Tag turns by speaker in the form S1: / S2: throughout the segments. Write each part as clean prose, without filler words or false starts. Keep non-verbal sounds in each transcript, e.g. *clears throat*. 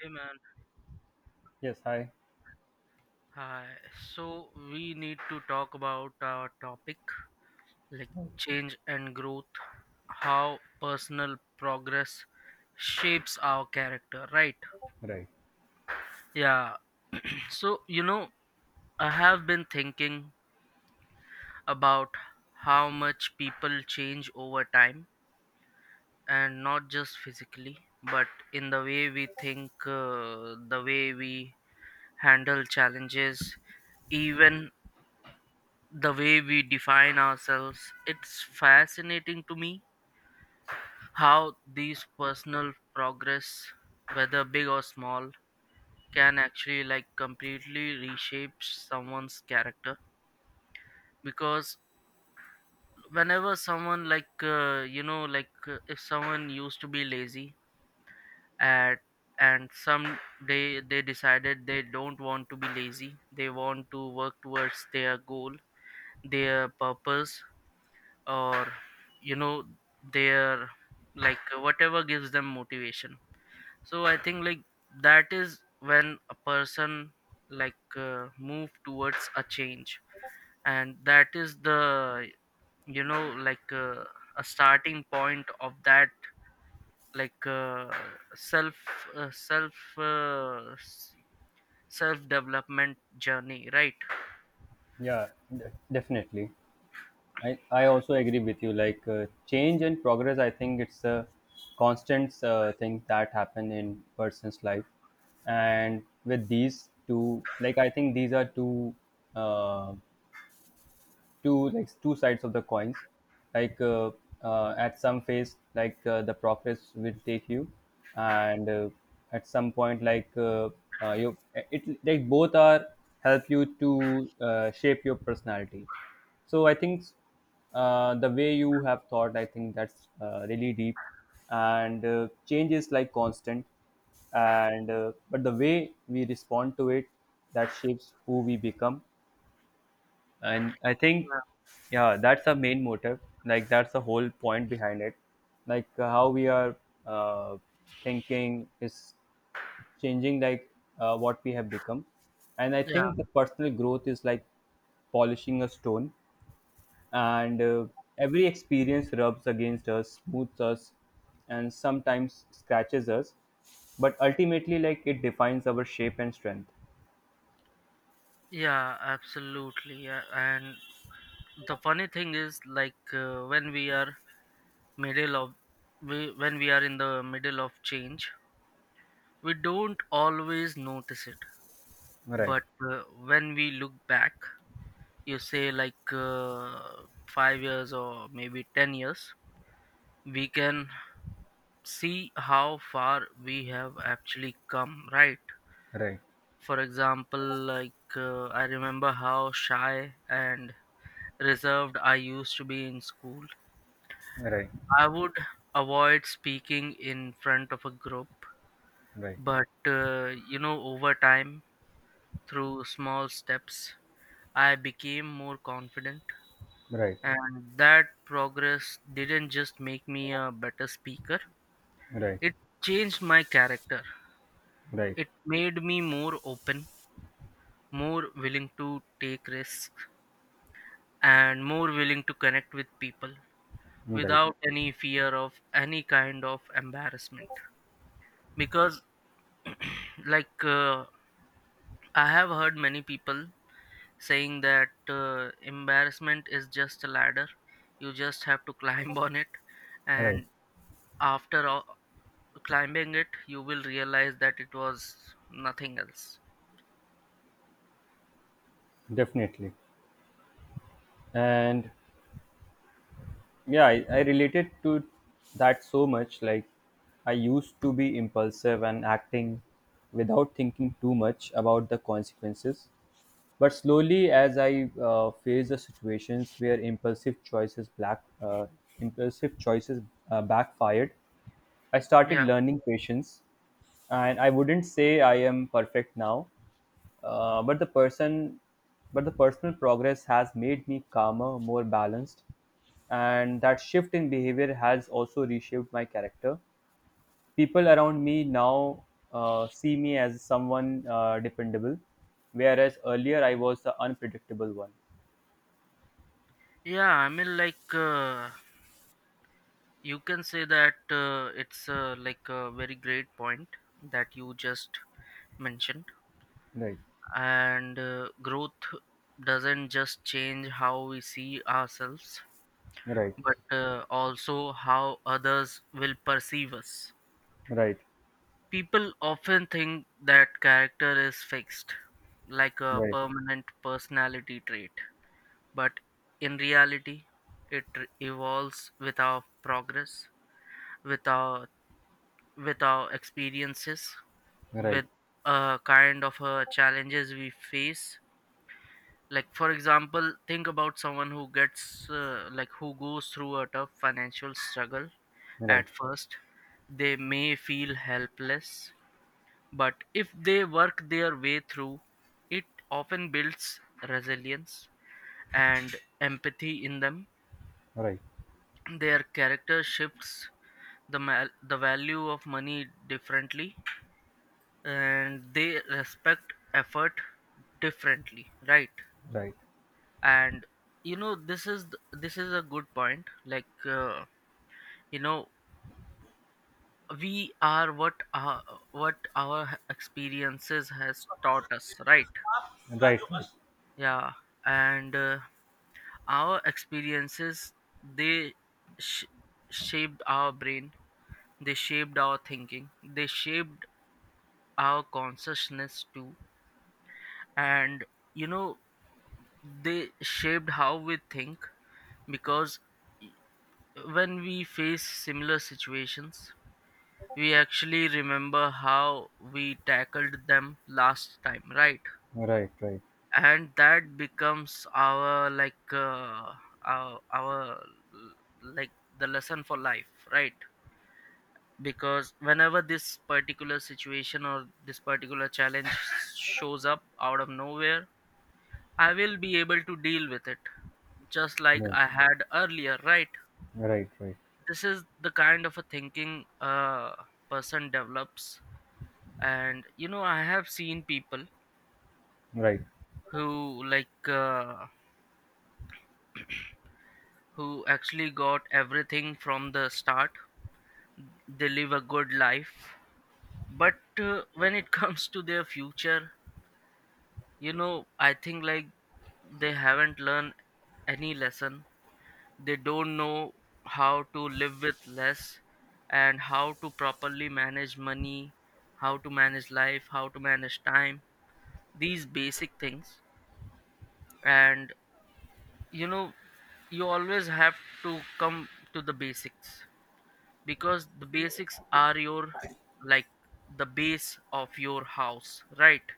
S1: Hey man,
S2: Yes, hi.
S1: hi. So we need to talk about our topic, like change and growth, how personal progress shapes our character, right?
S2: Right.
S1: Yeah. *clears throat* So, you know, I have been thinking about how much people change over time, and not just physically, but in the way we think, the way we handle challenges, even the way we define ourselves. It's fascinating to me how these personal progress, whether big or small, can actually like completely reshape someone's character. Because whenever someone if someone used to be lazy at and some day, they decided they don't want to be lazy, they want to work towards their goal, their purpose, or you know their, like, whatever gives them motivation. So I think like that is when a person move towards a change, and that is the, you know a starting point of that, like uh, self self uh, self development journey, right?
S2: Yeah, definitely. I also agree with you. Like change and progress, I think it's a constant thing that happen in person's life. And with these two, like I think these are uh, two sides of the coins, like at some phase, like the progress will take you, and at some point, like you it like both are help you to shape your personality. So I think the way you have thought, I think that's really deep. And change is like constant, and but the way we respond to it, that shapes who we become. And I
S1: Yeah,
S2: think, yeah, that's the main motive, like that's the whole point behind it, like how we are uh, thinking is changing, like what we have become. And I
S1: yeah,
S2: think the personal growth is like polishing a stone, and every experience rubs against us, smooths us, and sometimes scratches us, but ultimately like it defines our shape and strength.
S1: yeah, absolutely, yeah. And the funny thing is when we are middle of, when we are in the middle of change, we don't always notice it.
S2: Right,
S1: But uh, when we look back, you say 5 years or maybe 10 years, we can see how far we have actually come, right?
S2: right,
S1: For example, I remember how shy and reserved I used to be in school.
S2: right,
S1: I would avoid speaking in front of a group.
S2: right,
S1: But, you know, over time, through small steps, I became more confident.
S2: right,
S1: And that progress didn't just make me a better speaker,
S2: right,
S1: it changed my character.
S2: right,
S1: It made me more open, more willing to take risks, and more willing to connect with people
S2: right,
S1: without any fear of any kind of embarrassment. Because, like, uh, I have heard many people saying that embarrassment is just a ladder, you just have to climb on it.
S2: right.
S1: And after all, climbing it, you will realize that it was nothing else.
S2: Definitely. And yeah, I related to that so much. Like, I used to be impulsive and acting without thinking too much about the consequences. But slowly, as I face the situations where impulsive choices backfired, I started
S1: Yeah,
S2: learning patience. And I wouldn't say I am perfect now. But but the personal progress has made me calmer, more balanced, and that shift in behavior has also reshaped my character. People around me now see me as someone dependable, whereas earlier I was the unpredictable one.
S1: yeah, I mean, you can say that it's like a very great point that you just mentioned.
S2: Right,
S1: And growth doesn't just change how we see ourselves,
S2: right,
S1: but also how others will perceive us.
S2: right,
S1: People often think that character is fixed, like a
S2: right,
S1: permanent personality trait, but in reality, it evolves with our progress, with our, with our experiences,
S2: right, right,
S1: with a kind of challenges we face. Like for example, think about someone who gets who goes through a tough financial struggle
S2: right,
S1: at first. They may feel helpless. But if they work their way through, it often builds resilience and empathy in them.
S2: right, right,
S1: Their character shifts, the value of money differently, and they respect effort differently, right?
S2: right,
S1: And you know, this is this is a good point, you know, we are what our experiences has taught us, right?
S2: right,
S1: Yeah. And our experiences, they sh- shaped our brain, they shaped our thinking, they shaped our consciousness too. And you know, they shaped how we think because when we face similar situations, we actually remember how we tackled them last time, right? And that becomes our, our, like, the lesson for life, right? Because whenever this particular situation or this particular challenge shows up out of nowhere, I will be able to deal with it just like
S2: right,
S1: I had earlier, right?
S2: right, right,
S1: This is the kind of a thinking a person develops. And you know, I have seen people
S2: right.
S1: who who actually got everything from the start. They live a good life, but when it *laughs* comes to their future, you know, I think like they haven't learned any lesson. They don't know how to live with less, and how to properly manage money, how to manage life, how to manage time, these basic things. And you know, you always have to come to the basics because the basics are your, like, the base of your house, right?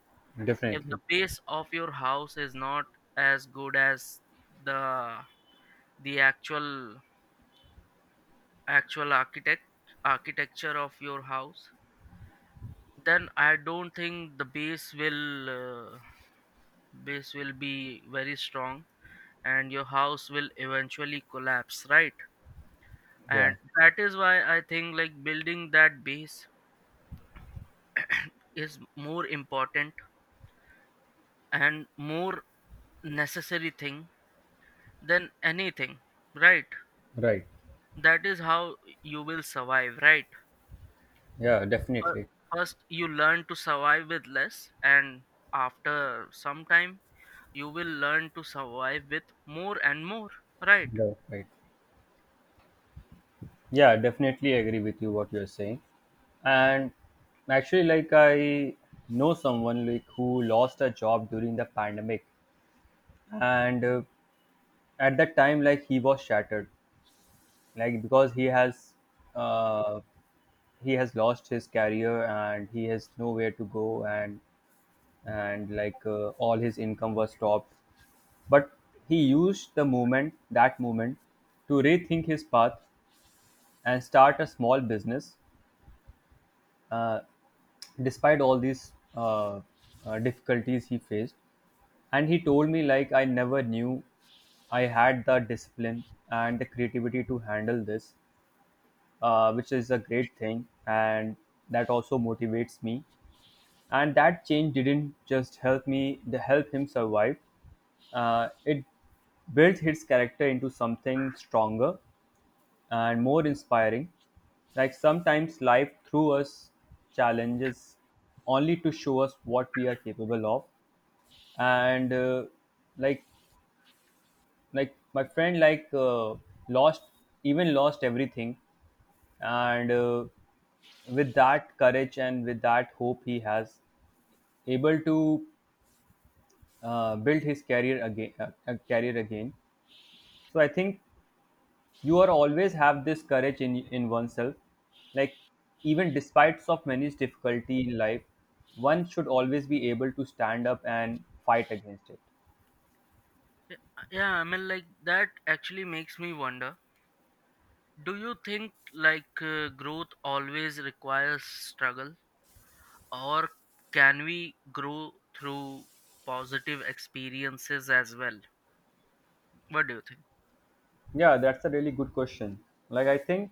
S1: If
S2: Definitely.
S1: the base of your house is not as good as the the actual architecture of your house, then I don't think the base will, base will be very strong, and your house will eventually collapse, right?
S2: Yeah.
S1: And that is why I think like building that base is more important and more necessary thing than anything, right?
S2: Right.
S1: That is how you will survive, right?
S2: Yeah.
S1: Fir-
S2: Definitely.
S1: First, you learn to survive with less, and after some time, you will learn to survive with more and more, right?
S2: Right, right. Yeah, definitely agree with you what you're saying. And actually, like I know someone like who lost a job during the pandemic, and at that time, like he was shattered, like because uh, he has lost his career and he has nowhere to go, and like all his income was stopped. But he used that moment to rethink his path and start a small business, uh, despite all these uh, difficulties he faced. And he told me, like, I never knew I had the discipline and the creativity to handle this, which is a great thing. And that also motivates me, and that change didn't just help me, the help him survive. Uh, it built his character into something stronger and more inspiring. Like sometimes life threw us challenges only to show us what we are capable of. And like like my friend like lost even lost everything, and with that courage and with that hope he has able to build his career again. So I think you are always have this courage in oneself, like even despite of many difficulty in life, one should always be able to stand up and fight against it.
S1: Yeah, I mean, like that actually makes me wonder, do you think growth always requires struggle, or can we grow through positive experiences as well? What do you think?
S2: Yeah, that's a really good question. Like I think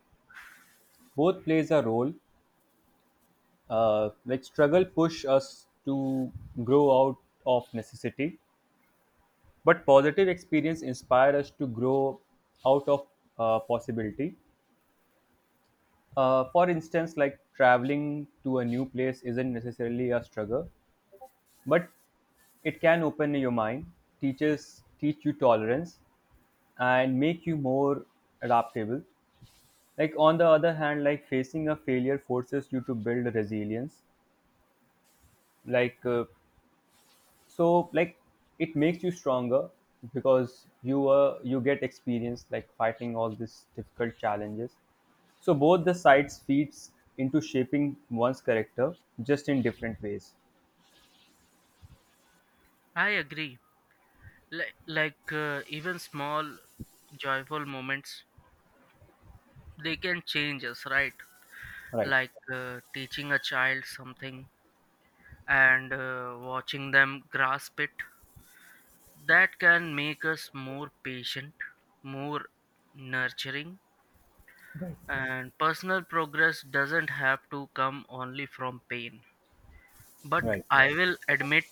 S2: both plays a role. Like struggle push us to grow out of necessity, but positive experience inspire us to grow out of possibility. For instance, like traveling to a new place isn't necessarily a struggle, but it can open your mind, teach you tolerance, and make you more adaptable. Like on the other hand, like facing a failure forces you to build resilience, like so like it makes you stronger, because you get experience like fighting all these difficult challenges. So both the sides feeds into shaping one's character, just in different ways.
S1: I agree. Like, even small joyful moments, they can change us, right?
S2: Right,
S1: Teaching a child something and watching them grasp it, that can make us more patient, more nurturing.
S2: right,
S1: And personal progress doesn't have to come only from pain, but
S2: right,
S1: I, right, will admit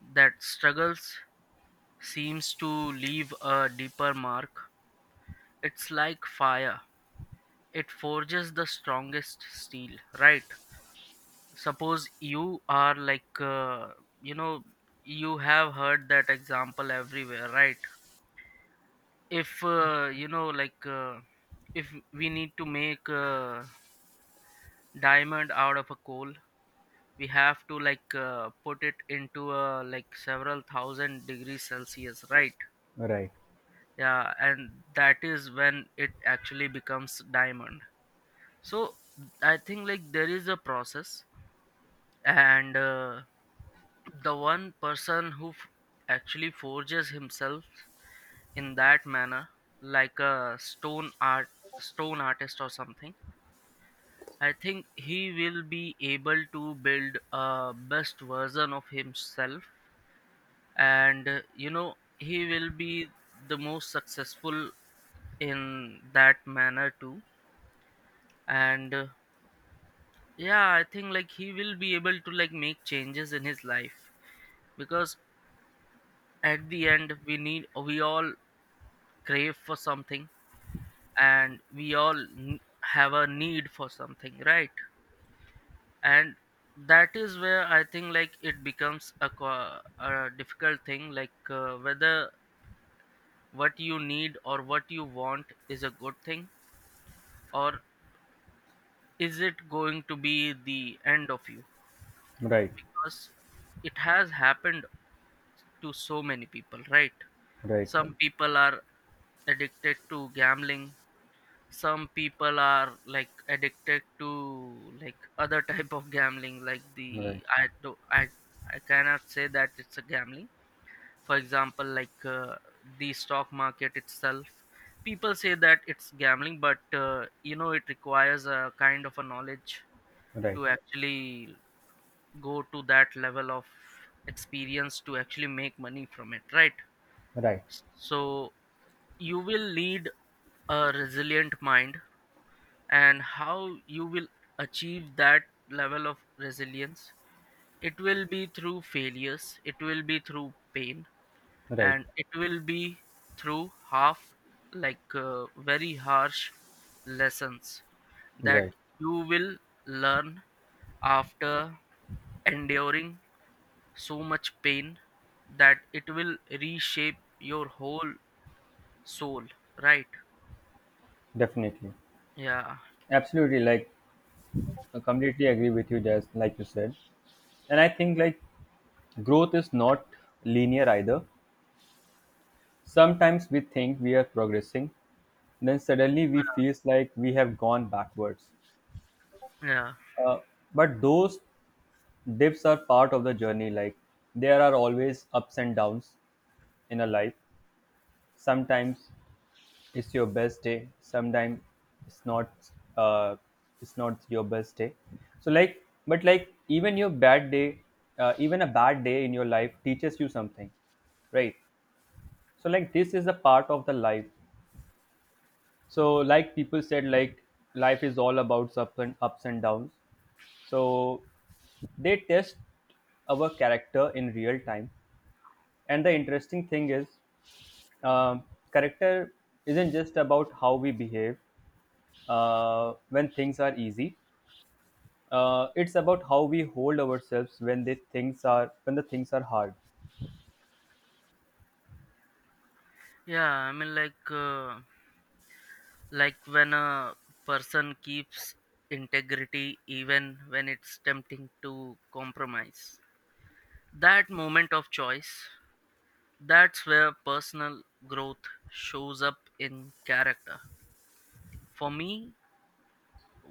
S1: that struggles seems to leave a deeper mark. It's like fire, it forges the strongest steel, right? Suppose you are you know, you have heard that example everywhere, right? If you know if we need to make a diamond out of a coal, we have to put it into a like several thousand degrees Celsius, right?
S2: right,
S1: Yeah, and that is when it actually becomes diamond. So I think like there is a process, and the one person who actually forges himself in that manner, like a stone artist or something, I think he will be able to build a best version of himself, and you know, he will be the most successful in that manner too. And yeah, I think like he will be able to like make changes in his life because at the end, we all crave for something, and we all have a need for something, right? And that is where I think like it becomes a, a difficult thing, whether what you need or what you want is a good thing, or is it going to be the end of you,
S2: right,
S1: because it has happened to so many people, right?
S2: right. Right.
S1: Some people are addicted to gambling, some people are like addicted to like other *laughs* type of gambling like the,
S2: Right,
S1: I do I cannot say that it's a gambling. For example, the stock market itself, people say that it's gambling, but you know, it requires a kind of a knowledge
S2: right,
S1: to actually go to that level of experience to actually make money from it, right?
S2: right,
S1: So you will need a resilient mind, and how you will achieve that level of resilience, it will be through failures, it will be through pain,
S2: right,
S1: and it will be through half, very harsh lessons, that
S2: right.
S1: you will learn after enduring so much pain, that it will reshape your whole soul, right?
S2: Definitely,
S1: Yeah.
S2: absolutely. Like, I completely agree with you, Jazz. Like you said, and I think like growth is not linear either. Sometimes we think we are progressing, then suddenly we
S1: Yeah,
S2: feels like we have gone backwards.
S1: yeah,
S2: Uh, but those dips are part of the journey. Like, there are always ups and downs in a life. Sometimes it's your best day. Sometimes it's not, uh it's not your best day. So like, but like even your bad day, even a bad day in your life teaches you something, right? So like this is a part of the life. So like people said like life is all about ups and downs. So they test our character in real time. And the interesting thing is, um, character isn't just about how we behave when things are easy. It's about how we hold ourselves when the things are when the things are hard.
S1: yeah, I mean, like when a person keeps integrity even when it's tempting to compromise. That moment of choice, that's where personal growth shows up in character. For me,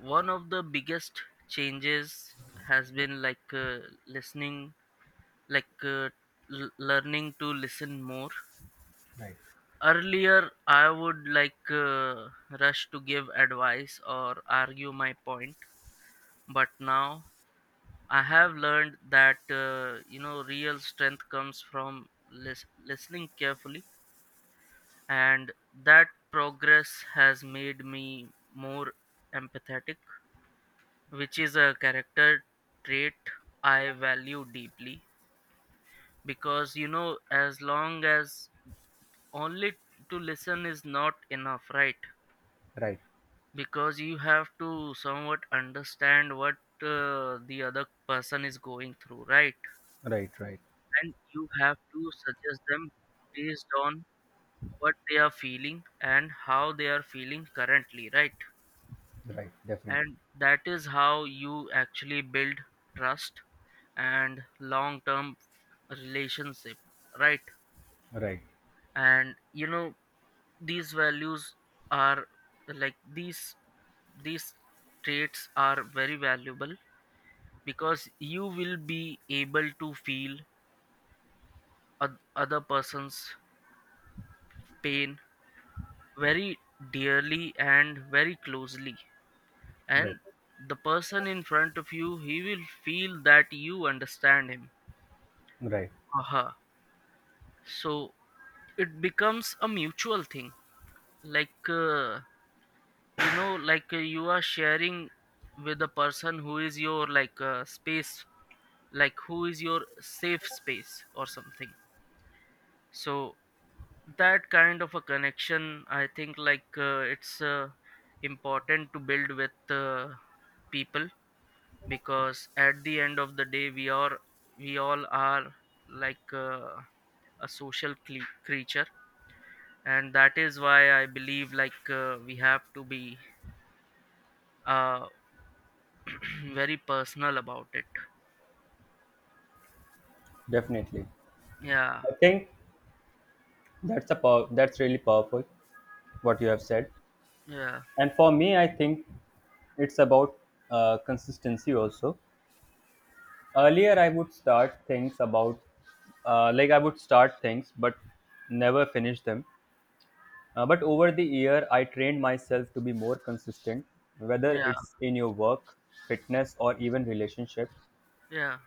S1: one of the biggest changes has been listening, like uh, learning to listen more.
S2: Right,
S1: Earlier, I would rush to give advice or argue my point. But now I have learned that you know, real strength comes from listening carefully, and that progress has made me more empathetic, which is a character trait I value deeply. Because you know, as long as only to listen is not enough, right?
S2: right,
S1: Because you have to somewhat understand what the other person is going through, right?
S2: right, right,
S1: And you have to suggest them based on what they are feeling and how they are feeling currently, right?
S2: right, definitely,
S1: And that is how you actually build trust and long term relationship, right?
S2: right,
S1: And you know, these values are like, these these traits are very valuable because you will be able to feel other person's pain very dearly and very closely.
S2: right,
S1: And the person in front of you, he will feel that you understand him
S2: right.
S1: or her. So it becomes a mutual thing, like you know, like you are sharing with a person who is your like space, like who is your safe space or something. So that kind of a connection, I think like it's important to build with people, because at the end of the day we all are like a social creature, and that is why I believe like we have to be uh, *clears throat* very personal about it.
S2: Definitely,
S1: Yeah,
S2: I think that's really powerful what you have said.
S1: yeah,
S2: And for me, I think it's about consistency also. Earlier, I would start things, but never finish them. But over the year, I trained myself to be more consistent, whether
S1: yeah,
S2: it's in your work, fitness, or even relationship.
S1: yeah,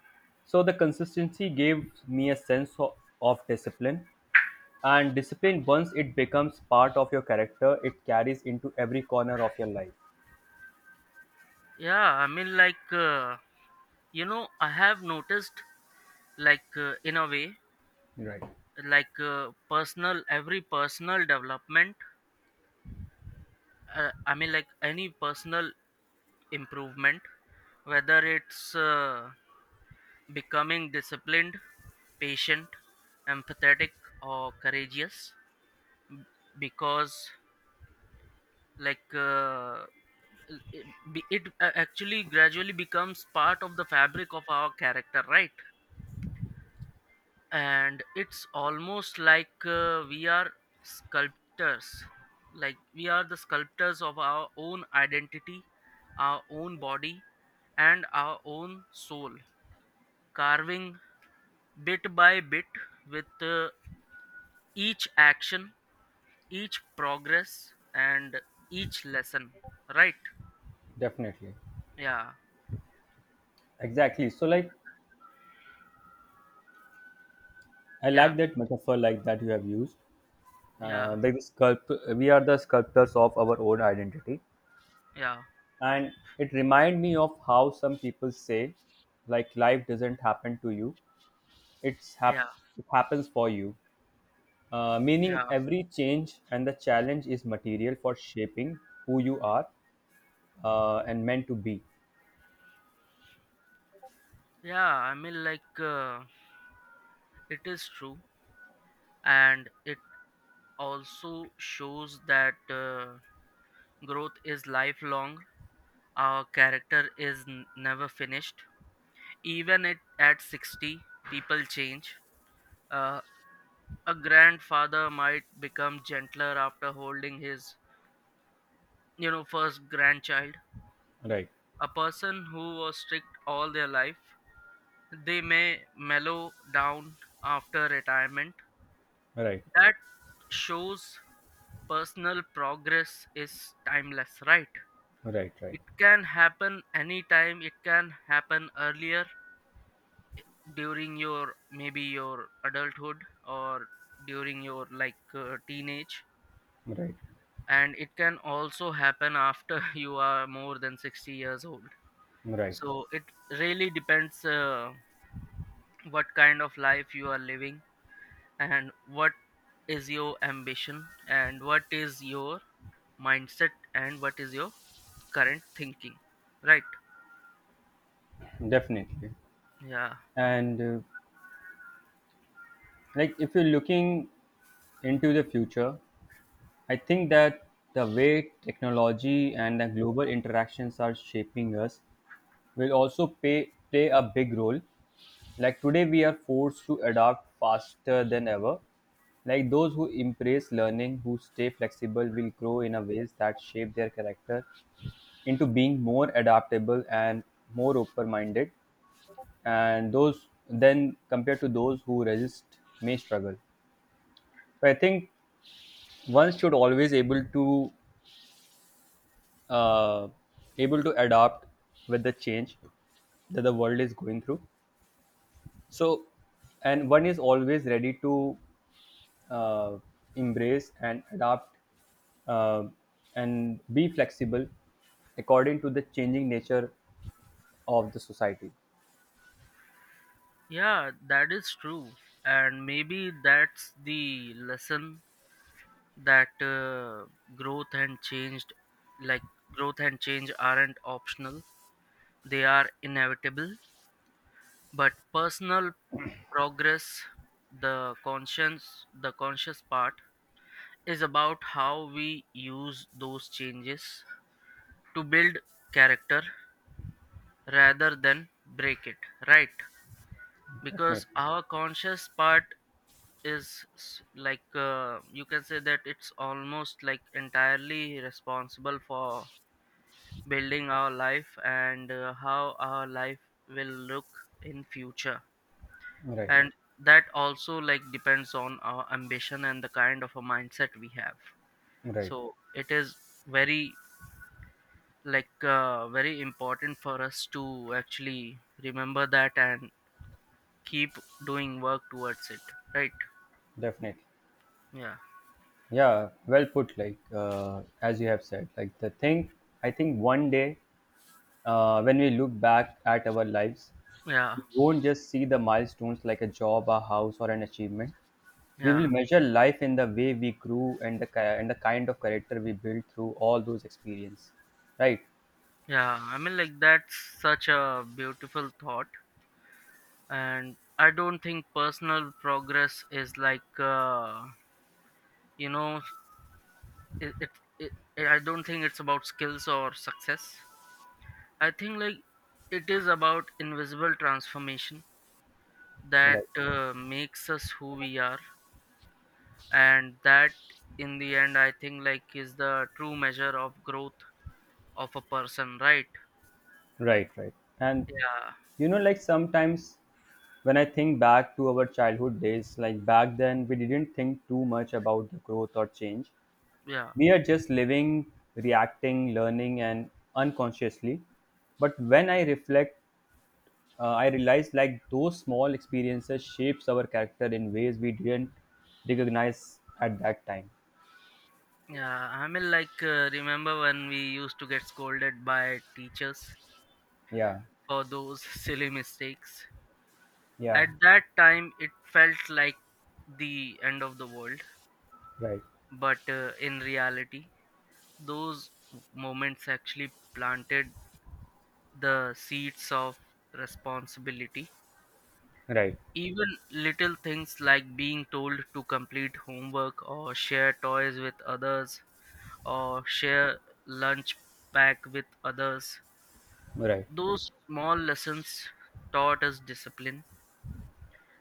S2: So the consistency gave me a sense of discipline. And discipline, once it becomes part of your character, it carries into every corner of your life.
S1: yeah, I mean, like you know, I have noticed like in a way,
S2: Right.
S1: like personal every personal development, I mean like any personal improvement, whether it's becoming disciplined, patient, empathetic, or courageous, because like it, it actually gradually becomes part of the fabric of our character, right? And it's almost like we are sculptors, like we are the sculptors of our own identity, our own body, and our own soul, carving bit by bit with each action, each progress, and each lesson, right?
S2: Definitely.
S1: Yeah,
S2: Exactly. So, like, I
S1: yeah,
S2: like that metaphor, like that you have used.
S1: yeah,
S2: We are the sculptors of our own identity.
S1: yeah,
S2: And it remind me of how some people say like life doesn't happen to you, it's
S1: yeah,
S2: hap- it happens for you, meaning
S1: yeah,
S2: every change and the challenge is material for shaping who you are, and meant to be.
S1: yeah, I mean like it is true, and it also shows that growth is lifelong. Our character is never finished. Even at 60 people change. Uh, a grandfather might become gentler after holding his, you know, first grandchild.
S2: Right,
S1: A person who was strict all their life, they may mellow down after retirement.
S2: right,
S1: That shows personal progress is timeless, right?
S2: right, right,
S1: It can happen anytime, it can happen earlier during your maybe your adulthood, or during your like teenage,
S2: right,
S1: and it can also happen after *laughs* you are more than 60 years old.
S2: right,
S1: So it really depends what kind of life you are living, and what is your ambition, and what is your mindset, and what is your current thinking, right?
S2: definitely.
S1: Yeah,
S2: And like if you're looking into the future, I think that the way technology and the global interactions are shaping us will also play a big role. Like today, we are forced to adapt faster than ever. Like those who embrace learning, who stay flexible, will grow in a ways that shape their character into being more adaptable and more open-minded. And those then compared to those who resist may struggle. So I think one should always able to uh, able to adapt with the change that the world is going through. So and one is always ready to uh, embrace and adapt, uh, and be flexible according to the changing nature of the society.
S1: yeah, that is true. And maybe that's the lesson that growth and changed like growth and change aren't optional, they are inevitable. But personal progress, the conscience the conscious part, is about how we use those changes to build character rather than break it, right?
S2: Definitely,
S1: Because our conscious part is like you can say that it's almost like entirely responsible for building our life and how our life will look in future.
S2: right,
S1: And that also like depends on our ambition and the kind of a mindset we have.
S2: right,
S1: So it is very like very important for us to actually remember that and keep doing work towards it, right?
S2: definitely.
S1: Yeah,
S2: Yeah, well put. Like as you have said, like the thing. I think one day, when we look back at our lives,
S1: yeah,
S2: we won't just see the milestones like a job, a house, or an achievement. We will
S1: yeah,
S2: measure life in the way we grew and and the kind of character we built through all those experiences. Right.
S1: yeah, I mean like that's such a beautiful thought. And I don't think personal progress is like you know, it, it, it I don't think it's about skills or success. I think like it is about invisible transformation
S2: Right.
S1: that makes us who we are. And that in the end, I think like, is the true measure of growth of a person, right?
S2: Right. Right. And
S1: Yeah,
S2: you know, like sometimes when I think back to our childhood days, like back then, we didn't think too much about the growth or change.
S1: yeah,
S2: We are just living, reacting, learning, and unconsciously. But when I reflect, I realize like those small experiences shapes our character in ways we didn't recognize at that time.
S1: yeah, I mean like remember when we used to get scolded by teachers
S2: Yeah,
S1: for those *laughs* silly mistakes?
S2: yeah,
S1: At that time it felt like the end of the world,
S2: right,
S1: but in reality those moments actually planted the seeds of responsibility.
S2: right,
S1: Even little things like being told to complete homework or share toys with others, or share lunch pack with others.
S2: right,
S1: Those small lessons taught us discipline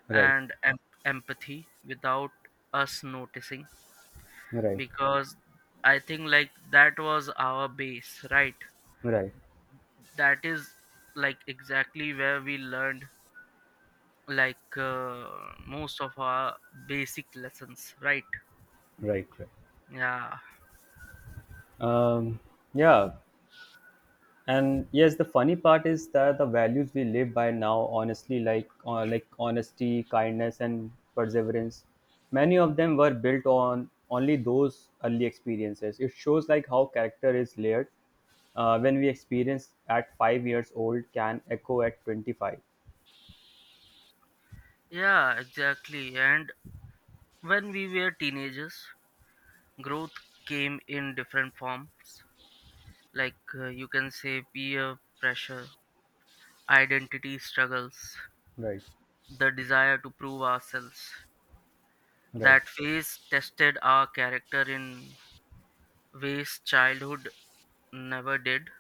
S2: right, right,
S1: and empathy without us noticing,
S2: right,
S1: because I think like that was our base, right?
S2: right,
S1: That is like exactly where we learned like most of our basic lessons, right?
S2: right, right.
S1: Yeah.
S2: Um, yeah, and yes the funny part is that the values we live by now, honestly, like honesty, kindness, and perseverance, many of them were built on only those early experiences. It shows like how character is layered, when we experience at 5 years old can echo at 25.
S1: Yeah, exactly. And when we were teenagers, growth came in different forms. Like you can say peer pressure, identity struggles,
S2: Right,
S1: the desire to prove ourselves.
S2: right,
S1: That phase tested our character in ways childhood never did.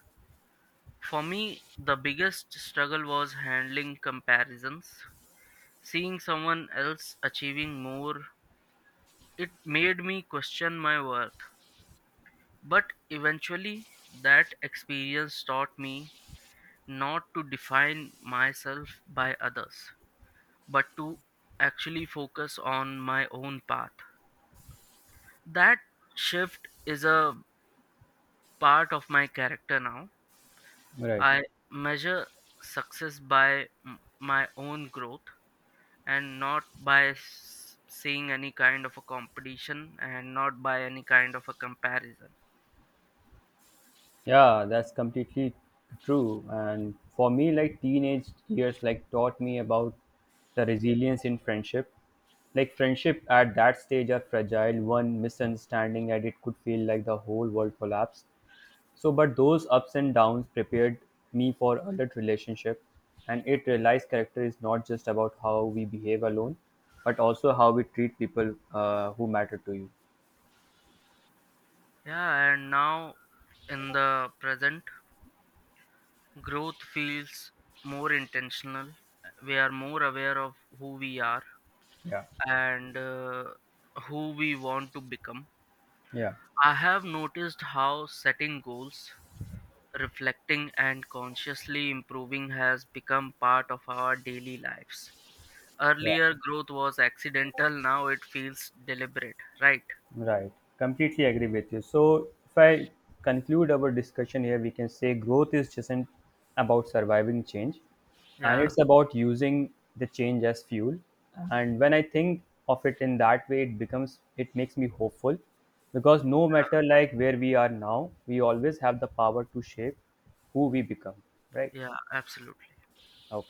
S1: For me, the biggest struggle was handling comparisons. Seeing someone else achieving more, it made me question my worth. But eventually, that experience taught me not to define myself by others, but to actually focus on my own path. That shift is a part of my character now.
S2: right.
S1: I measure success by my own growth, and not by seeing any kind of a competition, and not by any kind of a comparison.
S2: Yeah, that's completely true. And for me, like teenage years, like taught me about the resilience in friendship. Like friendship at that stage are fragile. One misunderstanding and it could feel like the whole world collapsed. So, but those ups and downs prepared me for adult relationship, and it realized character is not just about how we behave alone, but also how we treat people who matter to you.
S1: Yeah, and now in the present, growth feels more intentional. We are more aware of who we are
S2: Yeah,
S1: and who we want to become.
S2: yeah,
S1: I have noticed how setting goals, reflecting, and consciously improving has become part of our daily lives.
S2: yeah.
S1: Earlier, growth was accidental, now it feels deliberate, right?
S2: Right. Completely agree with you. So, if I conclude our discussion here, we can say growth is just isn't about surviving change, and
S1: Yeah,
S2: it's about using the change as fuel. And when I think of it in that way, it becomes, it makes me hopeful, because no matter like where we are now, we always have the power to shape who we become, right?
S1: yeah, absolutely.
S2: Okay.